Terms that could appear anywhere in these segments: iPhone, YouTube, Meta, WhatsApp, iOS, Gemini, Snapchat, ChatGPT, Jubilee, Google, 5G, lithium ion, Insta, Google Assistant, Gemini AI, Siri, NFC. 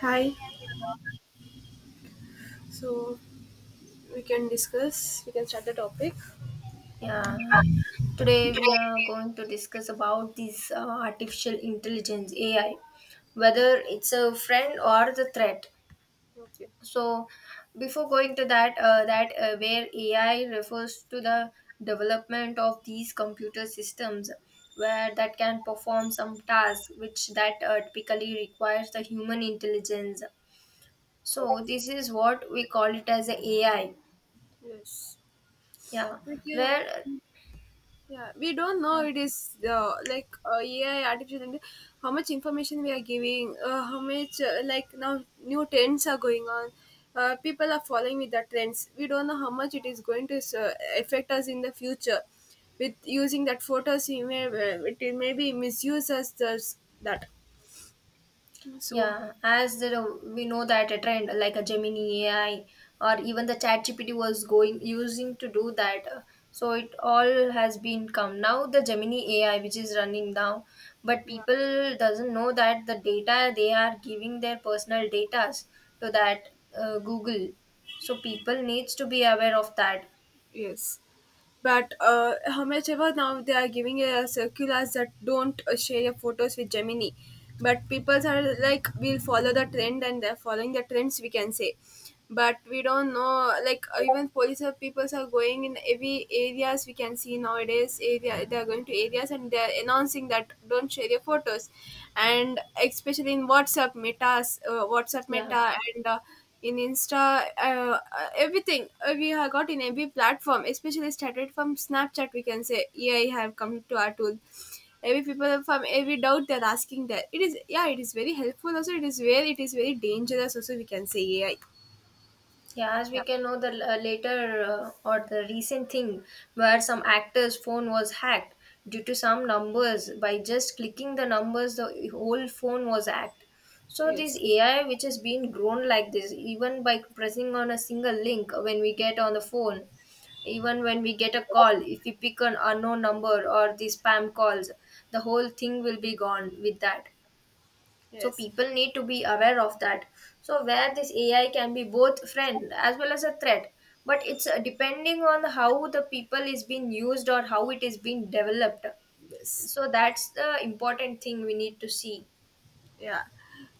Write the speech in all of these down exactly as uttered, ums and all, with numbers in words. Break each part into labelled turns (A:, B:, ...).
A: Hi. So we can discuss. We can start the topic.
B: Yeah, today we are going to discuss about this uh, artificial intelligence A I, whether it's a friend or the threat.
A: Okay.
B: So, before going to that, uh, that uh, where A I refers to the development of these computer systems, where that can perform some tasks which that uh, typically requires the human intelligence. So this is what we call it as a AI.
A: Yes.
B: Yeah,
A: We can.
B: where.
A: Yeah. We don't know.
B: Uh,
A: It is the like uh, A I, artificial intelligence. How much information we are giving? Uh, how much uh, like now new trends are going on. Uh, people are following with the trends. We don't know how much it is going to uh, affect us in the future. With using that photos, we may it may be misuse us thus- that. So
B: Yeah, as there are- we know that a trend like a Gemini A I or even the ChatGPT was going using to do that. uh, So it all has been come now the Gemini A I which is running now, but
A: yeah.
B: people doesn't know that the data they are giving their personal data to that uh, Google. So people needs to be aware of that.
A: Yes. But uh, how much ever now they are giving a circulars that don't uh, share your photos with Gemini. But people are like, we'll follow the trend and they're following the trends, we can say. But we don't know, like uh, even police or people are going in every areas we can see nowadays. Area they are going to areas and they are announcing that don't share your photos, and especially in WhatsApp, Meta's uh, WhatsApp
B: Yeah.
A: Meta and uh, in Insta, uh, uh, everything uh, we have got in every platform, especially started from Snapchat. We can say A I have come to our tool. Every people from every doubt they're asking that it is, yeah, it is very helpful also, it is where it is very dangerous also, we can say A I.
B: Yeah, as
A: Yeah.
B: we can know, the l- uh, later uh, or the recent thing where some actor's phone was hacked due to some numbers. By just clicking the numbers, the whole phone was hacked. So this
A: Yes.
B: A I, which has been grown like this, even by pressing on a single link when we get on the phone, even when we get a call, if we pick an unknown number or the spam calls, the whole thing will be gone with that, so
A: Yes.
B: people need to be aware of that. So where this AI can be both friend as well as a threat, but it's uh, depending on how the people is being used or how it is being developed.
A: Yes.
B: So that's the important thing we need to see.
A: Yeah.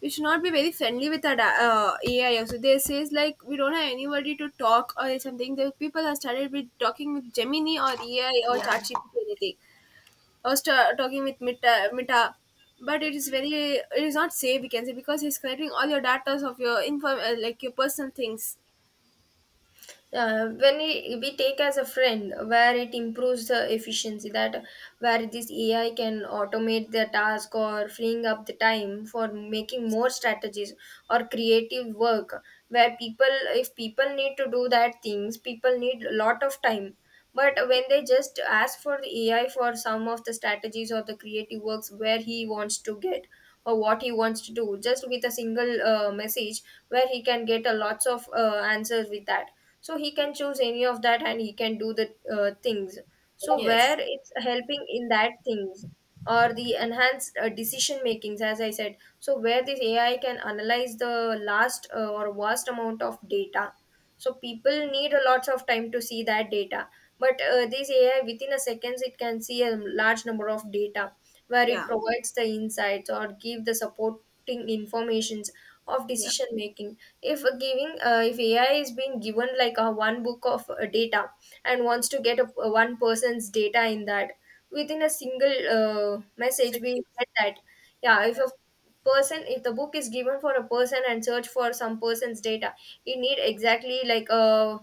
A: We should not be very friendly with our da- uh, A I also. They says like we don't have anybody to talk or something. The people have started with talking with Gemini or A I or
B: Yeah,
A: ChatGPT or anything. I was ta talking with Mita, Mita, but it is very, it is not safe. We can say because he's collecting all your data of your inform uh, like your personal things.
B: uh, when we, we take as a friend, where it improves the efficiency that where this AI can automate the task or freeing up the time for making more strategies or creative work, where people, if people need to do that things, people need a lot of time, but when they just ask for the AI for some of the strategies or the creative works, where he wants to get or what he wants to do just with a single uh, message, where he can get a lots of uh, answers with that. So he can choose any of that and he can do the uh, things. So where
A: Yes.
B: it's helping in that things, or the enhanced uh, decision makings, as I said. So where this AI can analyze the last uh, or vast amount of data, so people need a lots of time to see that data, but uh, this AI within a seconds it can see a large number of data, where it
A: Yeah.
B: provides the insights or give the supporting informations of
A: Yeah.
B: decision making. If giving uh, if AI is being given like a one book of uh, data and wants to get a, a one person's data in that, within a single uh, message we
A: Shakib.
B: get that. Yeah, if
A: Yeah.
B: a person, if the book is given for a person and search for some person's data, he need exactly like a,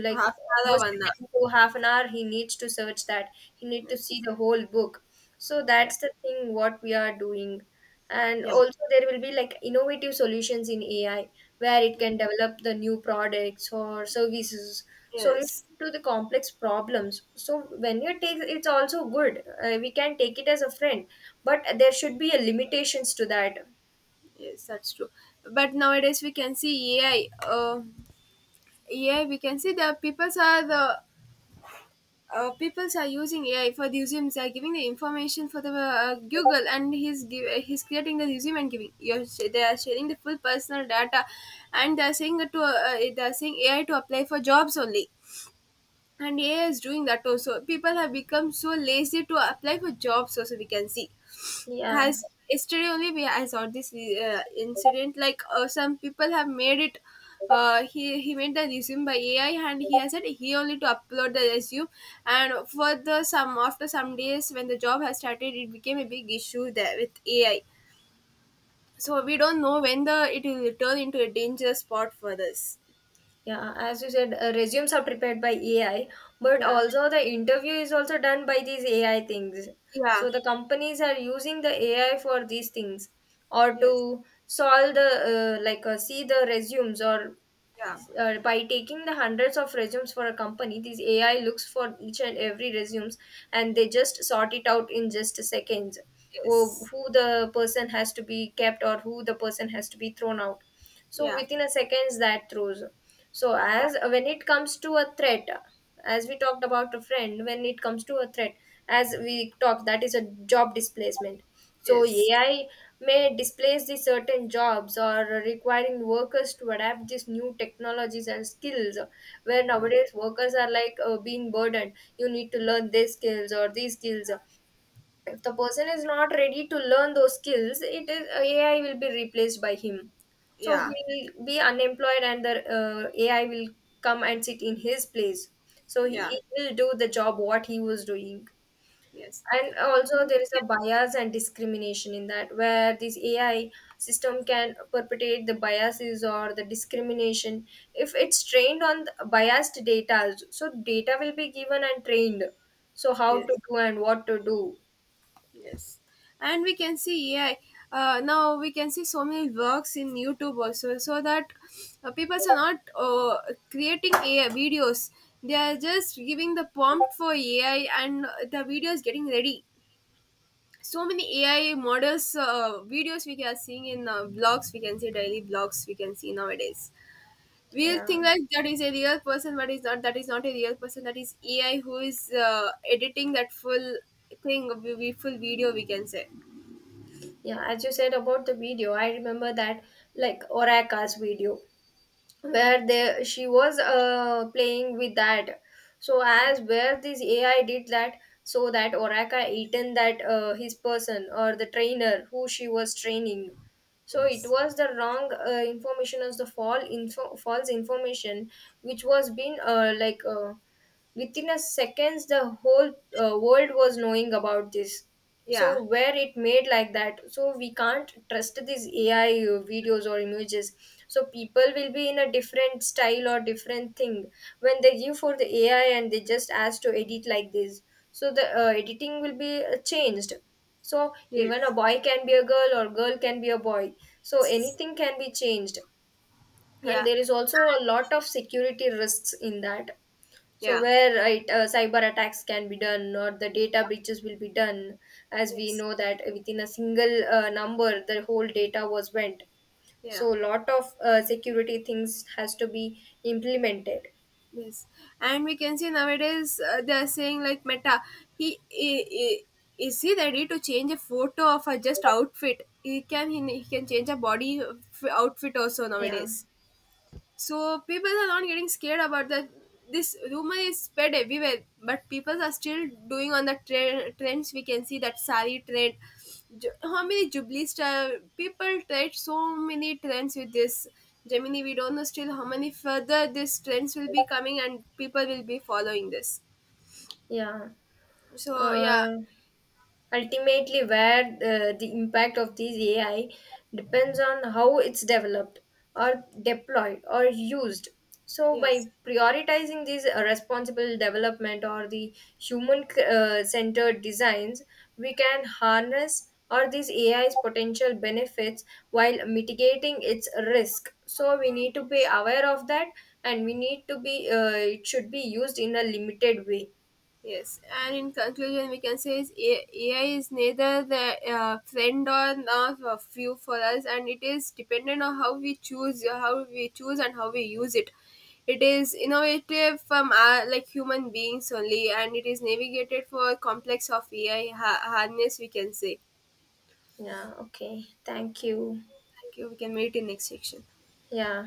B: like
A: Half
B: almost
A: another.
B: ten to half an hour he needs to search that, he need to see
A: Yes.
B: the whole book. So
A: Yeah.
B: that's the thing what we are doing. And
A: Yeah.
B: also there will be like innovative solutions in AI, where it
A: Yeah.
B: can develop the new products or services, solution
A: Yes.
B: to the complex problems. So when you take, it's also good, uh, we can take it as a friend, but there should be a limitations to that.
A: Yes, that's true. But nowadays we can see A I. Um, A I. We can see the people are the uh, people are using A I for the museums. They are giving the information for the uh, Google, and he's give, he's creating the museum and giving. You're, sh- they are sharing the full personal data, and they are saying that to uh, they are saying A I to apply for jobs only. And A I is doing that also. People have become so lazy to apply for jobs. Also, we can see
B: Yeah.
A: has yesterday only we I saw this uh, incident like uh, some people have made it uh, he he made the resume by A I and he has said he only to upload the resume, and for the some after some days when the job has started, it became a big issue there with A I. So we don't know when the it will turn into a dangerous spot for this.
B: Yeah, as you said, uh, resumes are prepared by AI, but
A: Yeah.
B: also the interview is also done by these AI things.
A: Yeah.
B: So the companies are using the AI for these things, or
A: Yes.
B: to solve the uh, like uh, see the resumes, or
A: Yeah.
B: uh, by taking the hundreds of resumes for a company, these AI looks for each and every resumes, and they just sort it out in just seconds. Who
A: Yes.
B: who the person has to be kept, or who the person has to be thrown out. So
A: Yeah.
B: within a seconds that throws. So
A: Yeah.
B: as when it comes to a threat, as we talked about a friend, when it comes to a threat, as we talked, that is a job displacement. So
A: Yes.
B: AI may displace the certain jobs, or requiring workers to adapt these new technologies and skills, where
A: Yeah.
B: nowadays workers are like uh, being burdened, you need to learn these skills or these skills. If the person is not ready to learn those skills, it is AI will be replaced by him. So
A: Yeah.
B: he will be unemployed, and the uh, AI will come and sit in his place. So he he will do the job what he was doing.
A: Yes.
B: And also there is a bias and discrimination in that, where this AI system can perpetrate the biases or the discrimination, if it's trained on the biased data. So data will be given and trained, so how to
A: Yes.
B: do and what to do.
A: Yes, and we can see A I. Uh, now we can see so many works in YouTube also, so that uh, people are not uh, creating A I videos. They are just giving the prompt for A I, and the video is getting ready. So many A I models, uh, videos we are seeing in uh, vlogs. We can see daily vlogs. We can see nowadays. We'll think
B: Yeah.
A: like that is a real person, but is not. That is not a real person. That is A I who is uh, editing that full thing. We we full video, we can say.
B: Yeah, as you said about the video, I remember that, like Oraka's video, where
A: Yes.
B: they, she was uh, playing with that. So
A: Yes.
B: as where this AI did that, so that Oraka eaten that, uh, his person or the trainer who she was training. So it
A: Yes.
B: was the wrong uh, information, as the fall info- false information, which was been uh, like uh, within a seconds the whole uh, world was knowing about this.
A: Yeah.
B: So where it made like that, so we can't trust these AI videos or images. So people will be in a different style or different thing when they give for the AI and they just ask to edit like this. So the uh, editing will be uh, changed, so even a
A: Yes.
B: boy can be a girl, or girl can be a boy. So
A: Yes.
B: anything can be changed. And
A: Yeah.
B: there is also a lot of security risks in that. So
A: Yeah.
B: where right uh, cyber attacks can be done, or the data breaches will be done, as we
A: Yes.
B: know that within a single uh, number the whole data was went.
A: Yeah.
B: So lot of uh, security things has to be implemented.
A: Yes. And we can see nowadays uh, they are saying like Meta, he, he, he is he ready to change a photo of a just outfit? He can he, he can change a body f- outfit also
B: Yeah.
A: nowadays. So people are not getting scared about that. This rumor is spread everywhere, but people are still doing on the tre- trends. We can see that sari trend. Ju- How many Jubilee style people tried so many trends with this. Gemini, we don't know still how many further these trends will be coming and people will be following this.
B: Yeah,
A: So yeah,
B: uh, ultimately, where uh, the impact of these A I depends on how it's developed or deployed or used. So,
A: yes.
B: by prioritizing these uh, responsible development or the human uh, centered designs, we can harness or these A I's potential benefits while mitigating its risk. So, we need to be aware of that, and we need to be, uh, it should be used in a limited way.
A: Yes, and in conclusion, we can say is A- AI is neither the uh, friend or not a few for us, and it is dependent on how we choose, how we choose, and how we use it. It is innovative from our, like human beings only, and it is navigated for complex of A I ha- harness, we can say.
B: Yeah, okay. Thank you.
A: Thank you. We can meet in next section.
B: Yeah.